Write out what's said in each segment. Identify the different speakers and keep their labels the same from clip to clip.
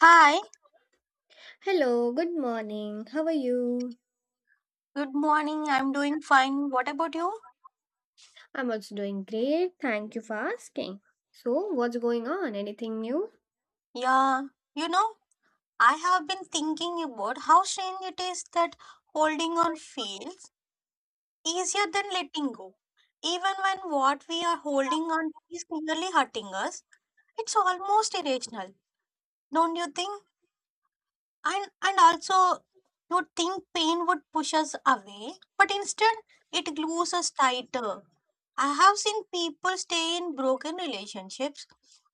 Speaker 1: Hi,
Speaker 2: Hello, good morning. How are you?
Speaker 1: good morning. I'm doing fine. What about you?
Speaker 2: I'm also doing great. Thank you for asking. So, what's going on? Anything new?
Speaker 1: Yeah, you know, I have been thinking about how strange it is that holding on feels easier than letting go. Even when what we are holding on is nearly hurting us, it's almost irrational, don't you think? And also you'd think pain would push us away, but instead it glues us tighter. I have seen people stay in broken relationships,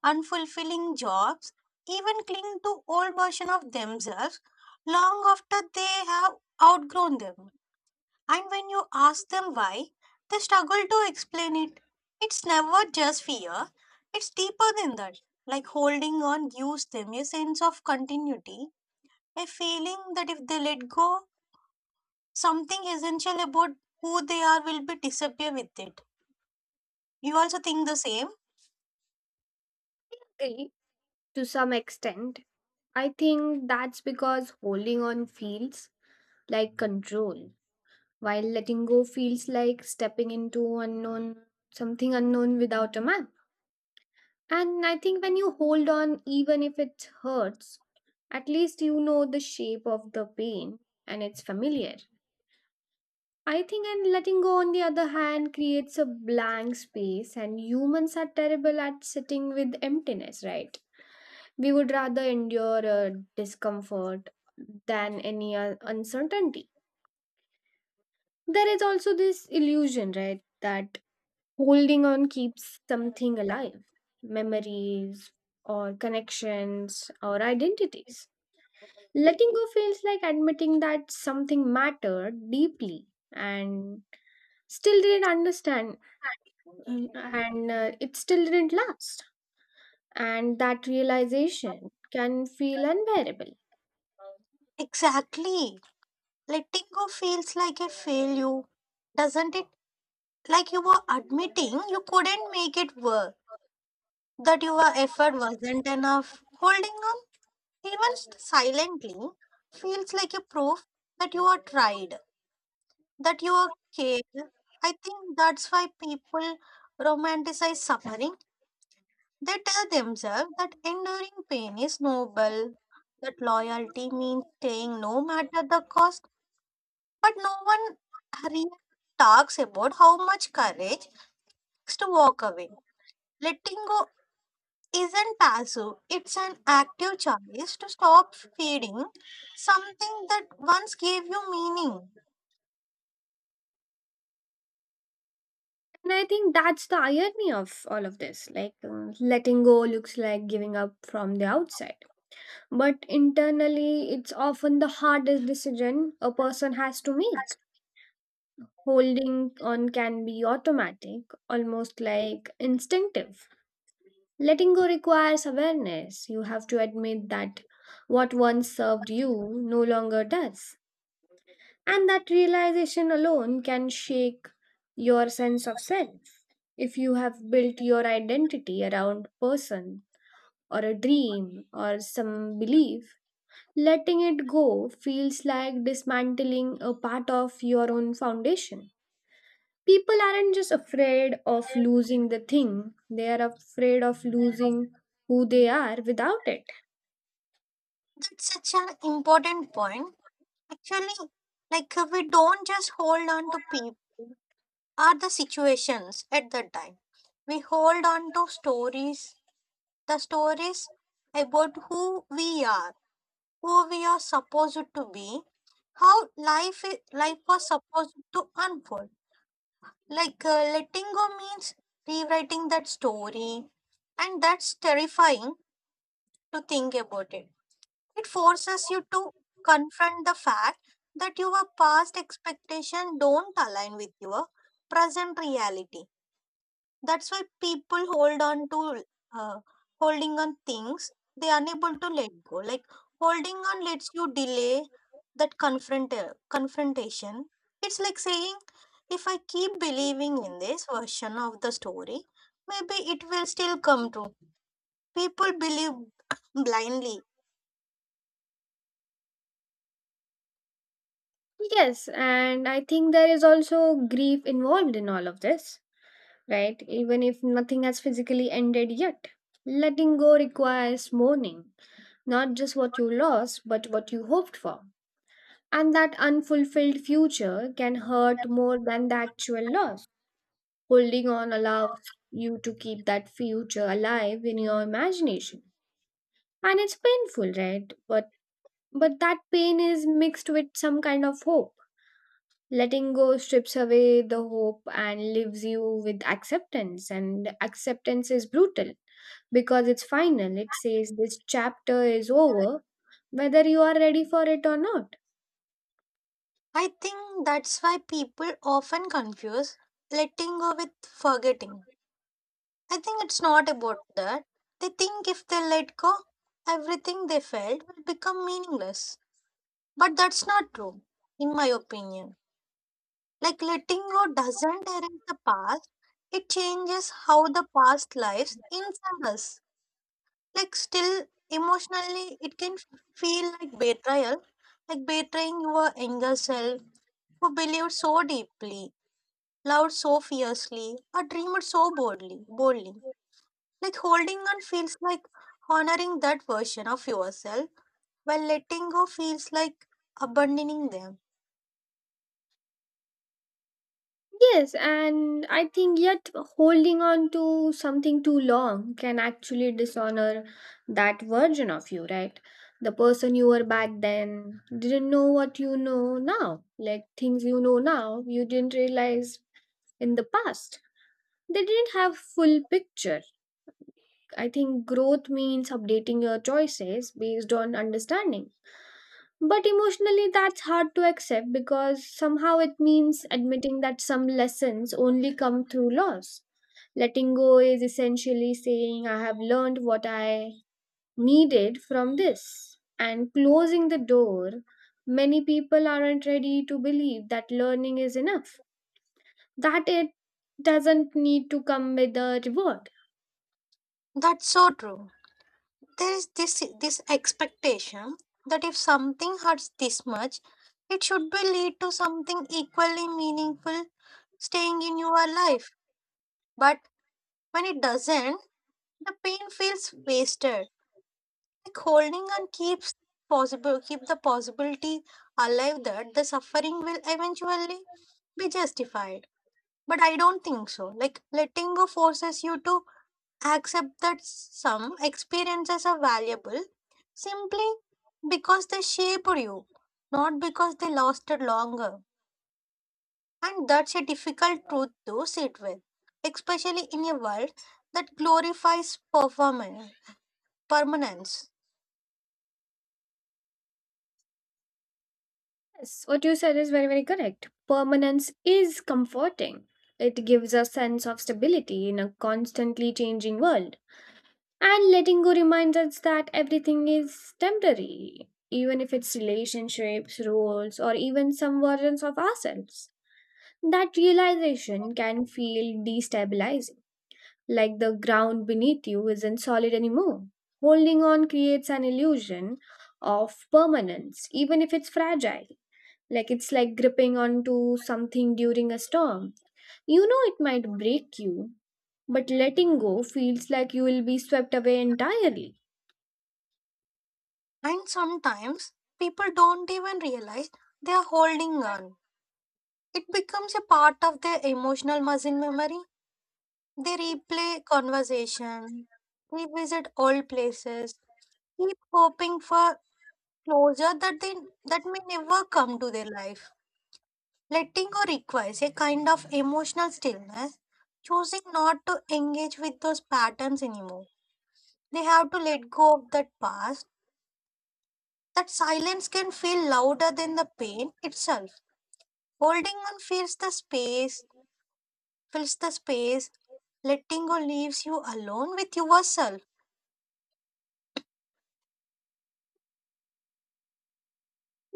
Speaker 1: unfulfilling jobs, even cling to old version of themselves long after they have outgrown them. And when you ask them why, they struggle to explain it. It's never just fear, it's deeper than that. Like holding on gives them a sense of continuity, a feeling that if they let go, something essential about who they are will be disappear with it. You also think the same?
Speaker 2: Agree to some extent. I think that's because holding on feels like control, while letting go feels like stepping into unknown, something unknown without a map. And I think when you hold on, even if it hurts, at least you know the shape of the pain and it's familiar. I think, and letting go, on the other hand, creates a blank space, and humans are terrible at sitting with emptiness, right? We would rather endure a discomfort than any uncertainty. There is also this illusion, right, that holding on keeps something alive, memories, or connections, or identities. Letting go feels like admitting that something mattered deeply and still didn't understand. Mm, and It still didn't last. And that realization can feel unbearable.
Speaker 1: Exactly. Letting go feels like a failure, doesn't it? Like you were admitting you couldn't make it work, that your effort wasn't enough. Holding on, even silently, feels like a proof that you are tried, that you are cared. I think that's why people romanticize suffering. They tell themselves that enduring pain is noble, that loyalty means staying no matter the cost, but no one really talks about how much courage takes to walk away. Letting go isn't passive, it's an active choice to stop feeding something that once gave you meaning.
Speaker 2: And I think that's the irony of all of this. Letting go looks like giving up from the outside. But internally, it's often the hardest decision a person has to make. Holding on can be automatic, almost like instinctive. Letting go requires awareness. You have to admit that what once served you no longer does. And that realization alone can shake your sense of self. If you have built your identity around person or a dream or some belief, letting it go feels like dismantling a part of your own foundation. People aren't just afraid of losing the thing, they are afraid of losing who they are without it.
Speaker 1: That's such an important point. Actually, like we don't just hold on to people. Are the situations at that time. We hold on to stories, the stories about who we are supposed to be, how life was supposed to unfold. Like letting go means rewriting that story, and that's terrifying to think about it. It forces you to confront the fact that your past expectation don't align with your present reality. That's why people hold on to uh, holding on things they are unable to let go. Like holding on lets you delay that confrontation. It's like saying, if I keep believing in this version of the story, maybe it will still come true. People believe blindly.
Speaker 2: Yes, and I think there is also grief involved in all of this, right? Even if nothing has physically ended yet. Letting go requires mourning, not just what you lost, but what you hoped for. And that unfulfilled future can hurt more than the actual loss. Holding on allows you to keep that future alive in your imagination, and it's painful, right, but that pain is mixed with some kind of hope. Letting go strips away the hope and leaves you with acceptance, and acceptance is brutal because it's final. It says this chapter is over, whether you are ready for it or not.
Speaker 1: I think that's why people often confuse letting go with forgetting. I think it's not about that. They think if they let go, everything they felt will become meaningless. But that's not true, in my opinion. Like letting go doesn't erase the past, it changes how the past lives inside us. Like, still, emotionally, it can feel like betrayal, like betraying your younger self who believed so deeply, loved so fiercely, or dreamed boldly. Like holding on feels like honoring that version of yourself, while letting go feels like abandoning them.
Speaker 2: Yes, and I think yet holding on to something too long can actually dishonor that version of you, right? The person you were back then didn't know what you know now. Like things you know now, you didn't realize in the past. They didn't have full picture. I think growth means updating your choices based on understanding. But emotionally, that's hard to accept because somehow it means admitting that some lessons only come through loss. Letting go is essentially saying, I have learned what I needed from this, and closing the door. Many people aren't ready to believe that learning is enough, that it doesn't need to come with a reward.
Speaker 1: That's so true. There is this expectation that if something hurts this much, it should be lead to something equally meaningful staying in your life. But when it doesn't, the pain feels wasted. Like holding on keep the possibility alive that the suffering will eventually be justified. But I don't think so. Like, letting go forces you to accept that some experiences are valuable simply because they shaped you, not because they lasted longer. And that's a difficult truth to sit with, especially in a world that glorifies performance, permanence.
Speaker 2: Yes, what you said is very, very correct. Permanence is comforting. It gives a sense of stability in a constantly changing world. And letting go reminds us that everything is temporary, even if it's relationships, roles, or even some versions of ourselves. That realization can feel destabilizing, like the ground beneath you isn't solid anymore. Holding on creates an illusion of permanence, even if it's fragile. Like it's like gripping onto something during a storm. You know it might break you, but letting go feels like you will be swept away entirely.
Speaker 1: And sometimes people don't even realize they are holding on. It becomes a part of their emotional muscle memory. They replay conversation, revisit old places, keep hoping for closure that may never come to their life. Letting go requires a kind of emotional stillness, choosing not to engage with those patterns anymore. They have to let go of that past. That silence can feel louder than the pain itself. Holding on fills the space. Letting go leaves you alone with yourself.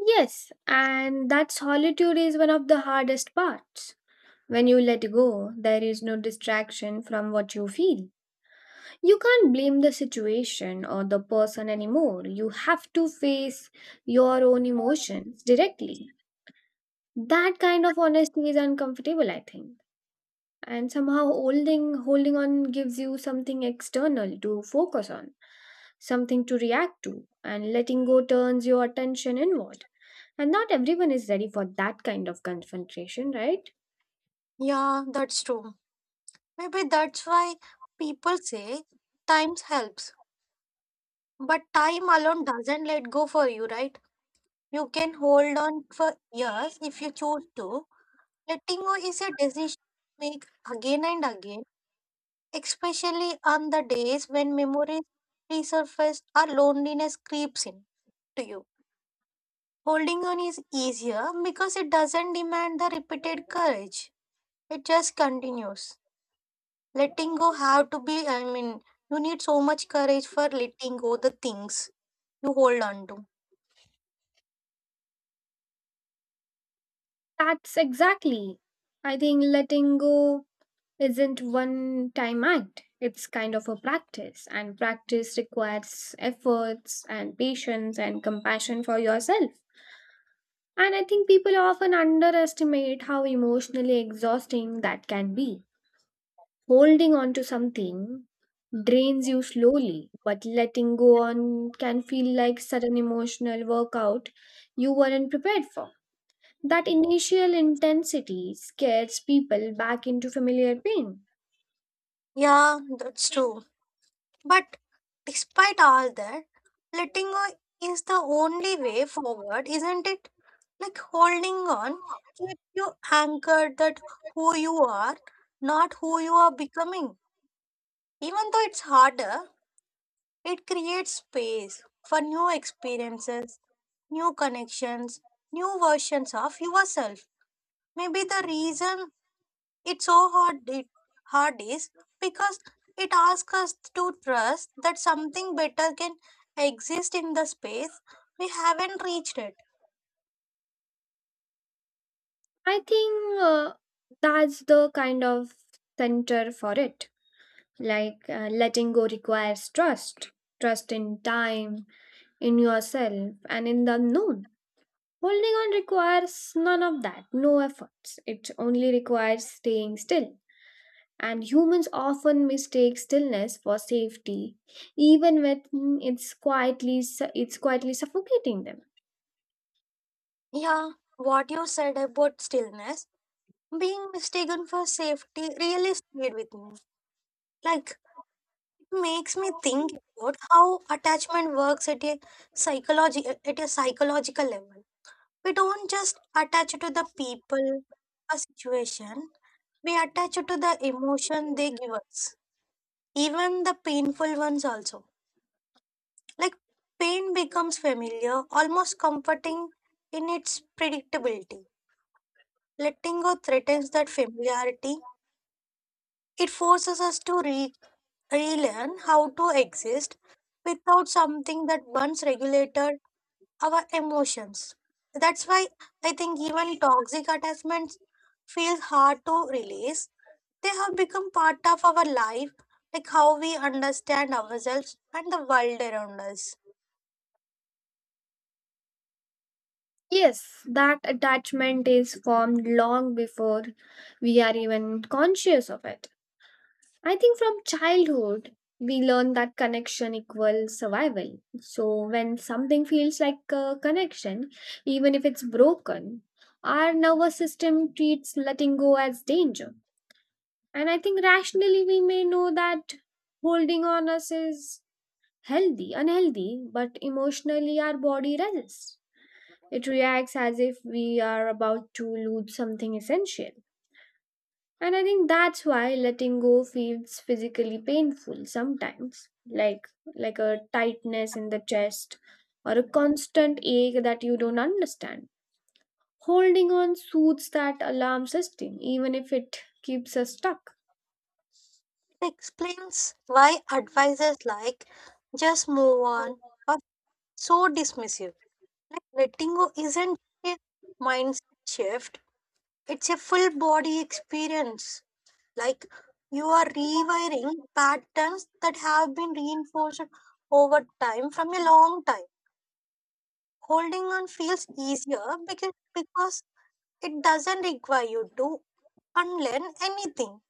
Speaker 2: Yes, and that solitude is one of the hardest parts. When you let go, there is no distraction from what you feel. You can't blame the situation or the person anymore. You have to face your own emotions directly. That kind of honesty is uncomfortable, I think. And somehow holding on gives you something external to focus on, something to react to, and letting go turns your attention inward. And not everyone is ready for that kind of confrontation, right?
Speaker 1: Yeah, that's true. Maybe that's why people say times helps, but time alone doesn't let go for you, right? You can hold on for years if you choose to. Letting go is a decision you make again and again, especially on the days when memories resurface or loneliness creeps in to you. Holding on is easier because it doesn't demand the repeated courage. It just continues. Letting go have to be, I mean, you need so much courage for letting go the things you hold on to.
Speaker 2: That's exactly. I think letting go isn't one time act. It's kind of a practice, and practice requires efforts and patience and compassion for yourself. And I think people often underestimate how emotionally exhausting that can be. Holding on to something drains you slowly, but letting go on can feel like sudden emotional workout you weren't prepared for. That initial intensity scares people back into familiar pain.
Speaker 1: Yeah, that's true, but despite all that, letting go is the only way forward, isn't it? Like holding on keeps you anchored that who you are, not who you are becoming. Even though it's harder, it creates space for new experiences, new connections, new versions of yourself. Maybe the reason it's so hard is because it asks us to trust that something better can exist in the space we haven't reached it.
Speaker 2: I think That's the kind of center for it. Letting go requires trust, trust in time, in yourself, and in the unknown. Holding on requires none of that, no efforts. It only requires staying still. And humans often mistake stillness for safety, even when it's it's quietly suffocating them.
Speaker 1: Yeah, what you said about stillness being mistaken for safety really stayed with me. Like it makes me think about how attachment works at a psychology at a psychological level. We don't just attach to the people, a situation. We attach to the emotion they give us. Even the painful ones also. Like pain becomes familiar, almost comforting in its predictability. Letting go threatens that familiarity. It forces us to relearn how to exist without something that once regulated our emotions. That's why I think even toxic attachments feel hard to release. They have become part of our life, like how we understand ourselves and the world around us.
Speaker 2: Yes, that attachment is formed long before we are even conscious of it. I think from childhood, we learn that connection equals survival. So when something feels like a connection, even if it's broken, our nervous system treats letting go as danger. And I think rationally, we may know that holding on us is unhealthy, but emotionally, our body resists. It reacts as if we are about to lose something essential. And I think that's why letting go feels physically painful sometimes, like a tightness in the chest or a constant ache that you don't understand. Holding on soothes that alarm system, even if it keeps us stuck.
Speaker 1: Explains why advices like just move on are so dismissive. Like letting go isn't a mindset shift, it's a full body experience. Like you are rewiring patterns that have been reinforced over time from a long time. Holding on feels easier because it doesn't require you to unlearn anything.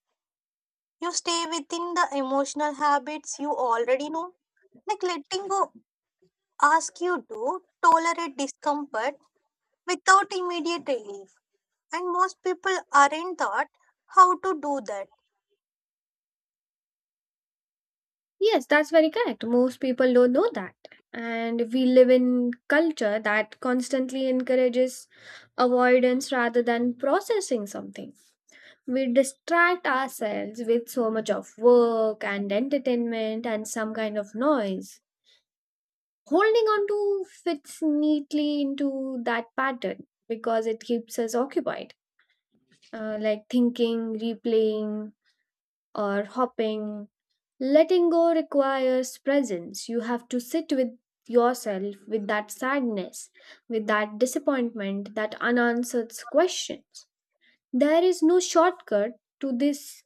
Speaker 1: You stay within the emotional habits you already know. Like letting go asks you to tolerate discomfort without immediate relief. And most people aren't taught how to do that.
Speaker 2: Yes, that's very correct. Most people don't know that. And we live in culture that constantly encourages avoidance rather than processing something. We distract ourselves with so much of work and entertainment and some kind of noise. Holding on to fits neatly into that pattern because it keeps us occupied, like thinking, replaying, or hopping. Letting go requires presence. You have to sit with yourself, with that sadness, with that disappointment, that unanswered questions. There is no shortcut to this.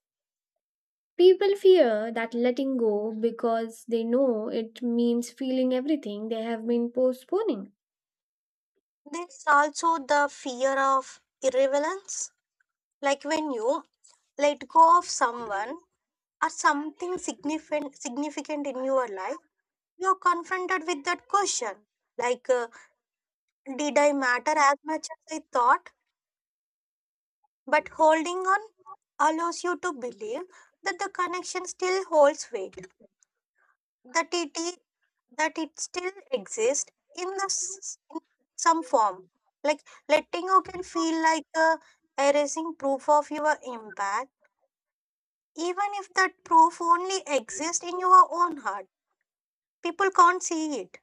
Speaker 2: People fear that letting go because they know it means feeling everything they have been postponing.
Speaker 1: There's also the fear of irrelevance. Like when you let go of someone or something significant in your life, you're confronted with that question. Like, did I matter as much as I thought? But holding on allows you to believe that the connection still holds weight, that it is, that it still exists in some form. Like letting go can feel like a erasing proof of your impact, even if that proof only exists in your own heart, people can't see it.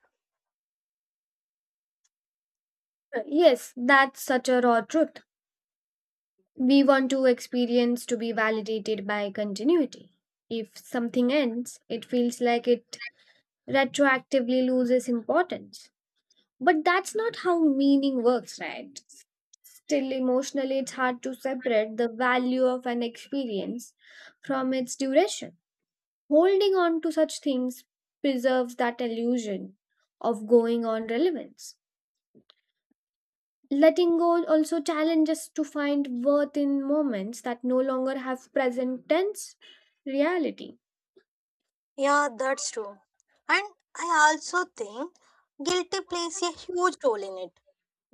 Speaker 2: Yes, that's such a raw truth. We want to experience to be validated by continuity. If something ends, it feels like it retroactively loses importance. But that's not how meaning works, right? Still, emotionally, it's hard to separate the value of an experience from its duration. Holding on to such themes preserves that illusion of going on relevance. Letting go also challenges to find worth in moments that no longer have present tense reality.
Speaker 1: Yeah, that's true. And I also think guilty plays a huge role in it.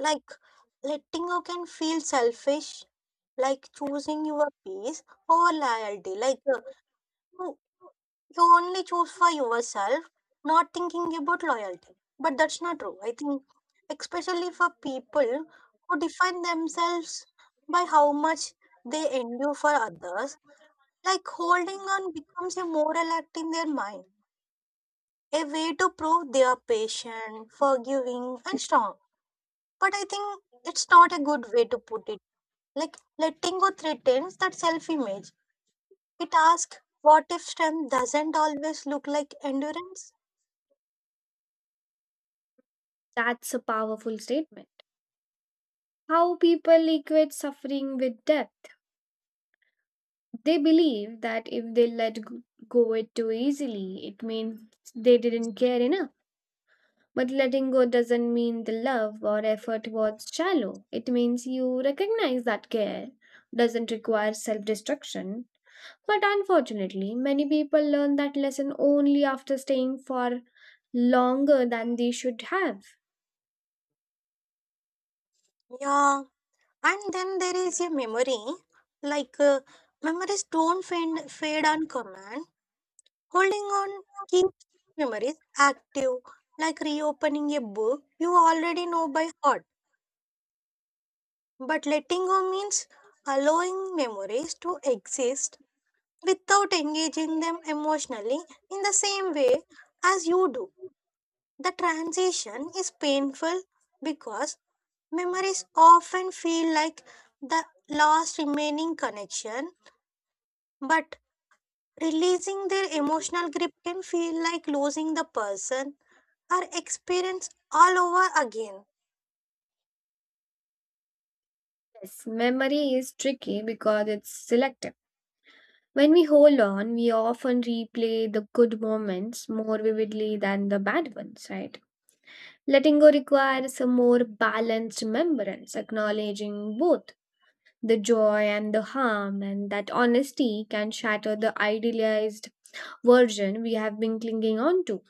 Speaker 1: Like letting go can feel selfish, like choosing your peace over loyalty, like you You only choose for yourself, not thinking about loyalty. But that's not true. I think, especially for people who define themselves by how much they endure for others, like holding on becomes a moral act in their mind, a way to prove they are patient, forgiving, and strong. But I think it's not a good way to put it. Like letting go threatens that self image. It asks, what if strength doesn't always look like endurance?
Speaker 2: That's a powerful statement. How people equate suffering with death. They believe that if they go it too easily, it means they didn't care enough. But letting go doesn't mean the love or effort was shallow. It means you recognize that care doesn't require self destruction. But unfortunately, many people learn that lesson only after staying for longer than they should have.
Speaker 1: Yeah. And then there is a memory, like memories don't fade on command. Holding on keeps memories active, like reopening a book you already know by heart. But letting go means allowing memories to exist without engaging them emotionally in the same way as you do. The transition is painful because memories often feel like the last remaining connection, but releasing their emotional grip can feel like losing the person or experience all over again.
Speaker 2: Yes, memory is tricky because it's selective. When we hold on, we often replay the good moments more vividly than the bad ones, right? Letting go requires a more balanced remembrance, acknowledging both the joy and the harm, and that honesty can shatter the idealized version we have been clinging on to.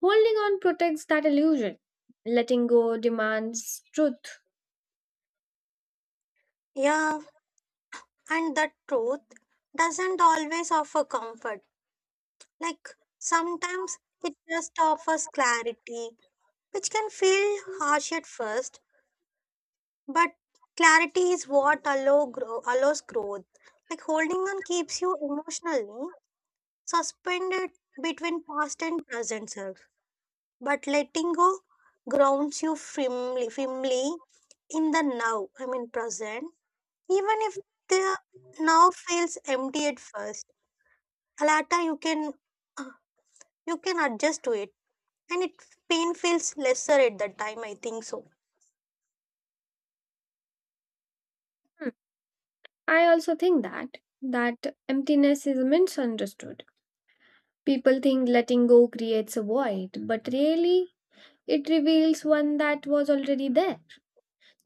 Speaker 2: Holding on protects that illusion. Letting go demands truth.
Speaker 1: Yeah, and the truth doesn't always offer comfort. Like sometimes it just offers clarity, which can feel harsh at first, but clarity is what allows growth. Like holding on keeps you emotionally suspended between past and present self, but letting go grounds you firmly in the now, I mean present, even if the now feels empty at first. Later you can uh, you can adjust to it, and it pain feels lesser at that time I think so.
Speaker 2: Hmm. I also think that emptiness is misunderstood. People think letting go creates a void, but really it reveals one that was already there,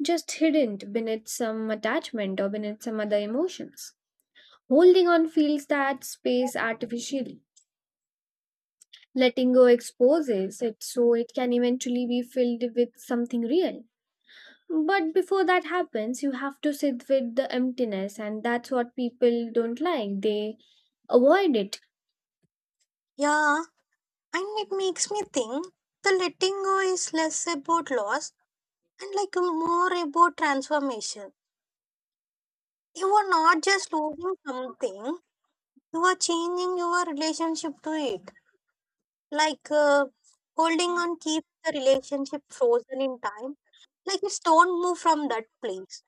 Speaker 2: just hidden beneath some attachment or beneath some other emotions. Holding on fills that space artificially. Letting go exposes it so it can eventually be filled with something real. But before that happens, you have to sit with the emptiness, and that's what people don't like. They avoid it.
Speaker 1: Yeah, and it makes me think the letting go is less about loss and like more about transformation. You are not just losing something, you are changing your relationship to it. Like holding on keeps the relationship frozen in time. Like it's don't move from that place.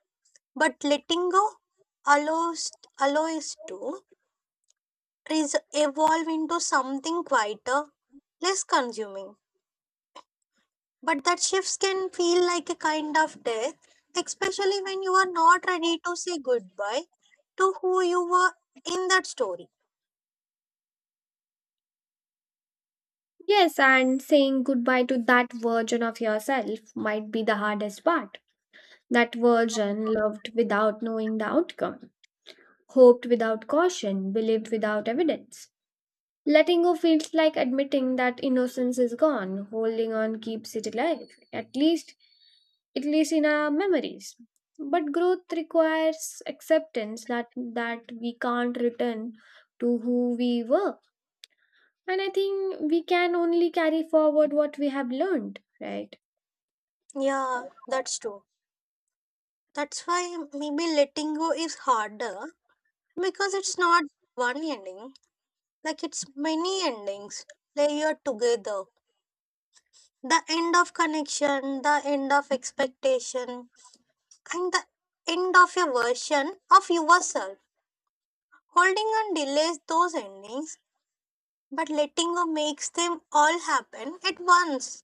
Speaker 1: But letting go allows allows to evolve into something quieter, less consuming. But that shifts can feel like a kind of death, especially when you are not ready to say goodbye to who you were in that story.
Speaker 2: Yes, and saying goodbye to that version of yourself might be the hardest part. That version loved without knowing the outcome, hoped without caution, believed without evidence. Letting go feels like admitting that innocence is gone. Holding on keeps it alive, at least in our memories. But growth requires acceptance that we can't return to who we were. And I think we can only carry forward what we have learned, right?
Speaker 1: Yeah, that's true. That's why maybe letting go is harder because it's not one ending, like it's many endings layered together, the end of connection, the end of expectation, and the end of a version of yourself. Holding on delays those endings, but letting go makes them all happen at once.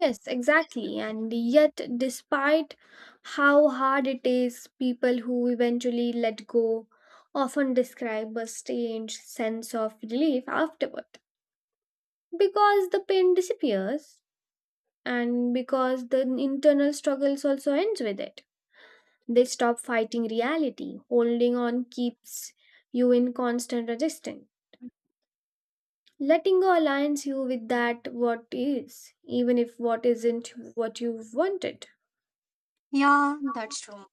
Speaker 2: Yes, exactly. And yet, despite how hard it is, people who eventually let go often describe a strange sense of relief afterward because the pain disappears and because the internal struggles also ends with it. They stop fighting reality. Holding on keeps you in constant resistance. Letting go aligns you with that what is, even if what isn't what you wanted.
Speaker 1: Yeah, that's true.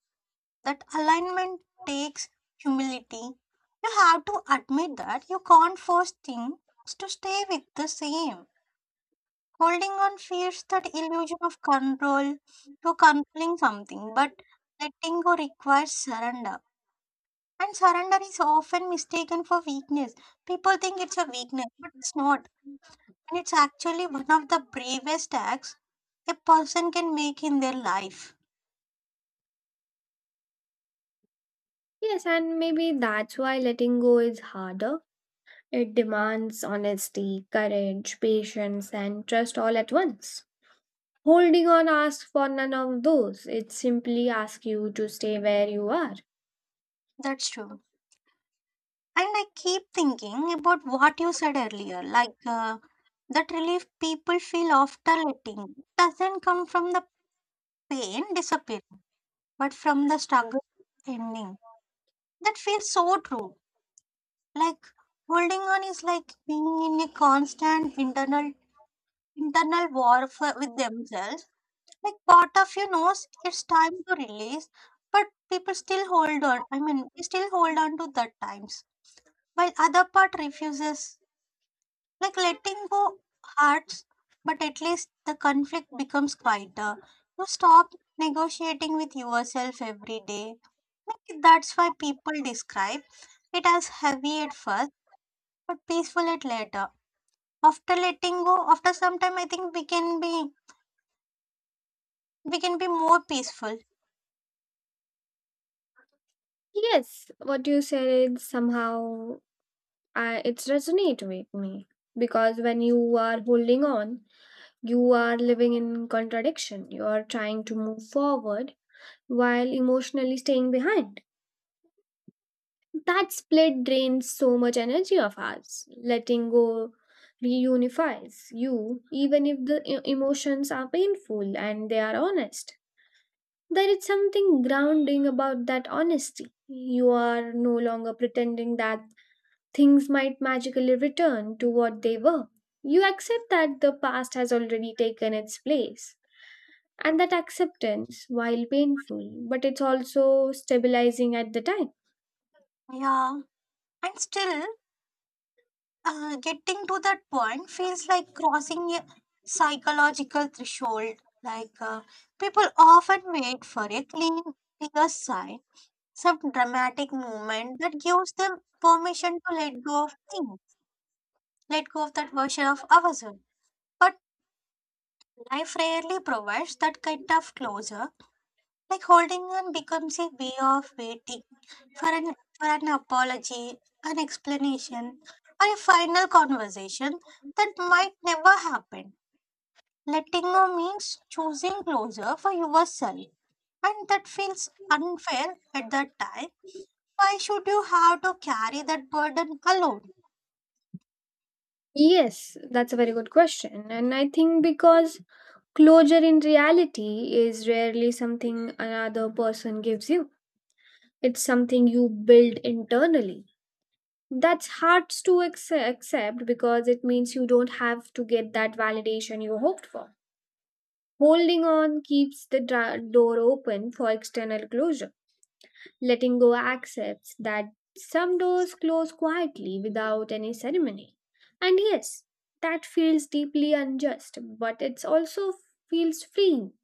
Speaker 1: That alignment takes humility. You have to admit that you can't force things to stay with the same. Holding on fears that illusion of control, to controlling something, but letting go requires surrender. And surrender is often mistaken for weakness. People think it's a weakness, but it's not. And it's actually one of the bravest acts a person can make in their life.
Speaker 2: Yes, and maybe that's why letting go is harder. It demands honesty, courage, patience, and trust all at once. Holding on asks for none of those. It simply asks you to stay where you are.
Speaker 1: That's true. And I keep thinking about what you said earlier, like that relief people feel after letting doesn't come from the pain disappearing, but from the struggle ending. That feels so true. Like holding on is like being in a constant internal war for, with themselves. Like part of you knows it's time to release, but people still hold on. I mean, they still hold on to that times, while other part refuses. Like letting go hurts, but at least the conflict becomes quieter. You stop negotiating with yourself every day. Like that's why people describe it is heavy at first, but peaceful at later. After letting go, after some time, I think we can be more peaceful.
Speaker 2: Yes, what you said somehow it's resonate with me because when you are holding on, you are living in contradiction. You are trying to move forward while emotionally staying behind. That split drains so much energy of us. Letting go reunifies you, even if the emotions are painful and they are honest. There is something grounding about that honesty. You are no longer pretending that things might magically return to what they were. You accept that the past has already taken its place. And that acceptance, while painful, but it's also stabilizing at the time.
Speaker 1: Yeah, and still, getting to that point feels like crossing a psychological threshold. Like people often wait for a clear sign, some dramatic moment that gives them permission to let go of things, let go of that version of ourselves. But life rarely provides that kind of closure. Like holding on becomes a way of waiting for an for an apology, an explanation, or a final conversation that might never happen. Letting go means choosing closure for yourself, and that feels unfair at that time. Why should you have to carry that burden alone?
Speaker 2: Yes, that's a very good question. And I think because closure in reality is rarely something another person gives you, it's something you build internally. That's hard to accept because it means you don't have to get that validation you hoped for. Holding on keeps the door open for external closure. Letting go accepts that some doors close quietly without any ceremony. And yes, that feels deeply unjust, but it also feels freeing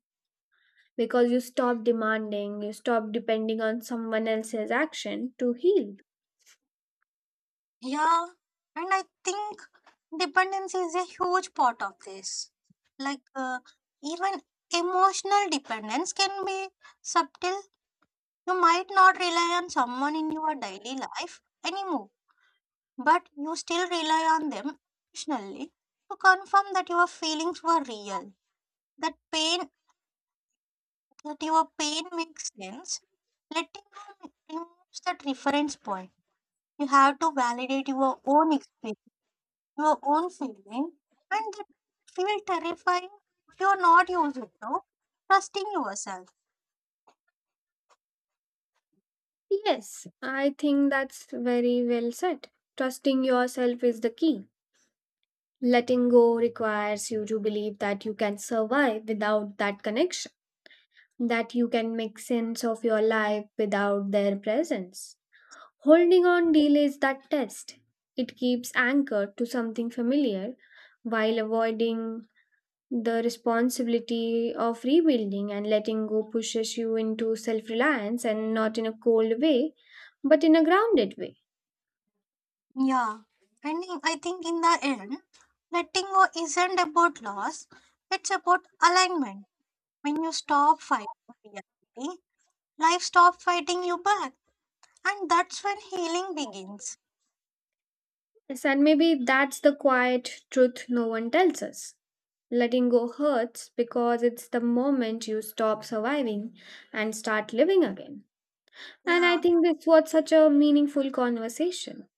Speaker 2: because you stop demanding, you stop depending on someone else's action to heal.
Speaker 1: Yeah, and I think dependence is a huge part of this. Like even emotional dependence can be subtle. You might not rely on someone in your daily life anymore, but you still rely on them occasionally to confirm that your feelings were real, that pain, that your pain makes sense. Letting go removes that reference point. You have to validate your own experience, your own feeling, and that feel terrifying if you are not used to trusting yourself.
Speaker 2: Yes, I think that's very well said. Trusting yourself is the key. Letting go requires you to believe that you can survive without that connection, that you can make sense of your life without their presence. Holding on delays that test. It keeps anchored to something familiar while avoiding the responsibility of rebuilding, and letting go pushes you into self reliance, and not in a cold way, but in a grounded way.
Speaker 1: Yeah, and I think in the end, letting go isn't about loss, it's about alignment. When you stop fighting reality, life stops fighting you back, and that's when healing begins.
Speaker 2: Yes, and maybe that's the quiet truth no one tells us. Letting go hurts because it's the moment you stop surviving and start living again. And I
Speaker 1: Yeah,
Speaker 2: think this was such a meaningful conversation.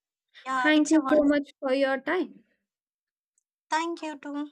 Speaker 1: yeah,
Speaker 2: Thank
Speaker 1: it's a
Speaker 2: you so
Speaker 1: wonderful.
Speaker 2: much for your time.
Speaker 1: Thank you too.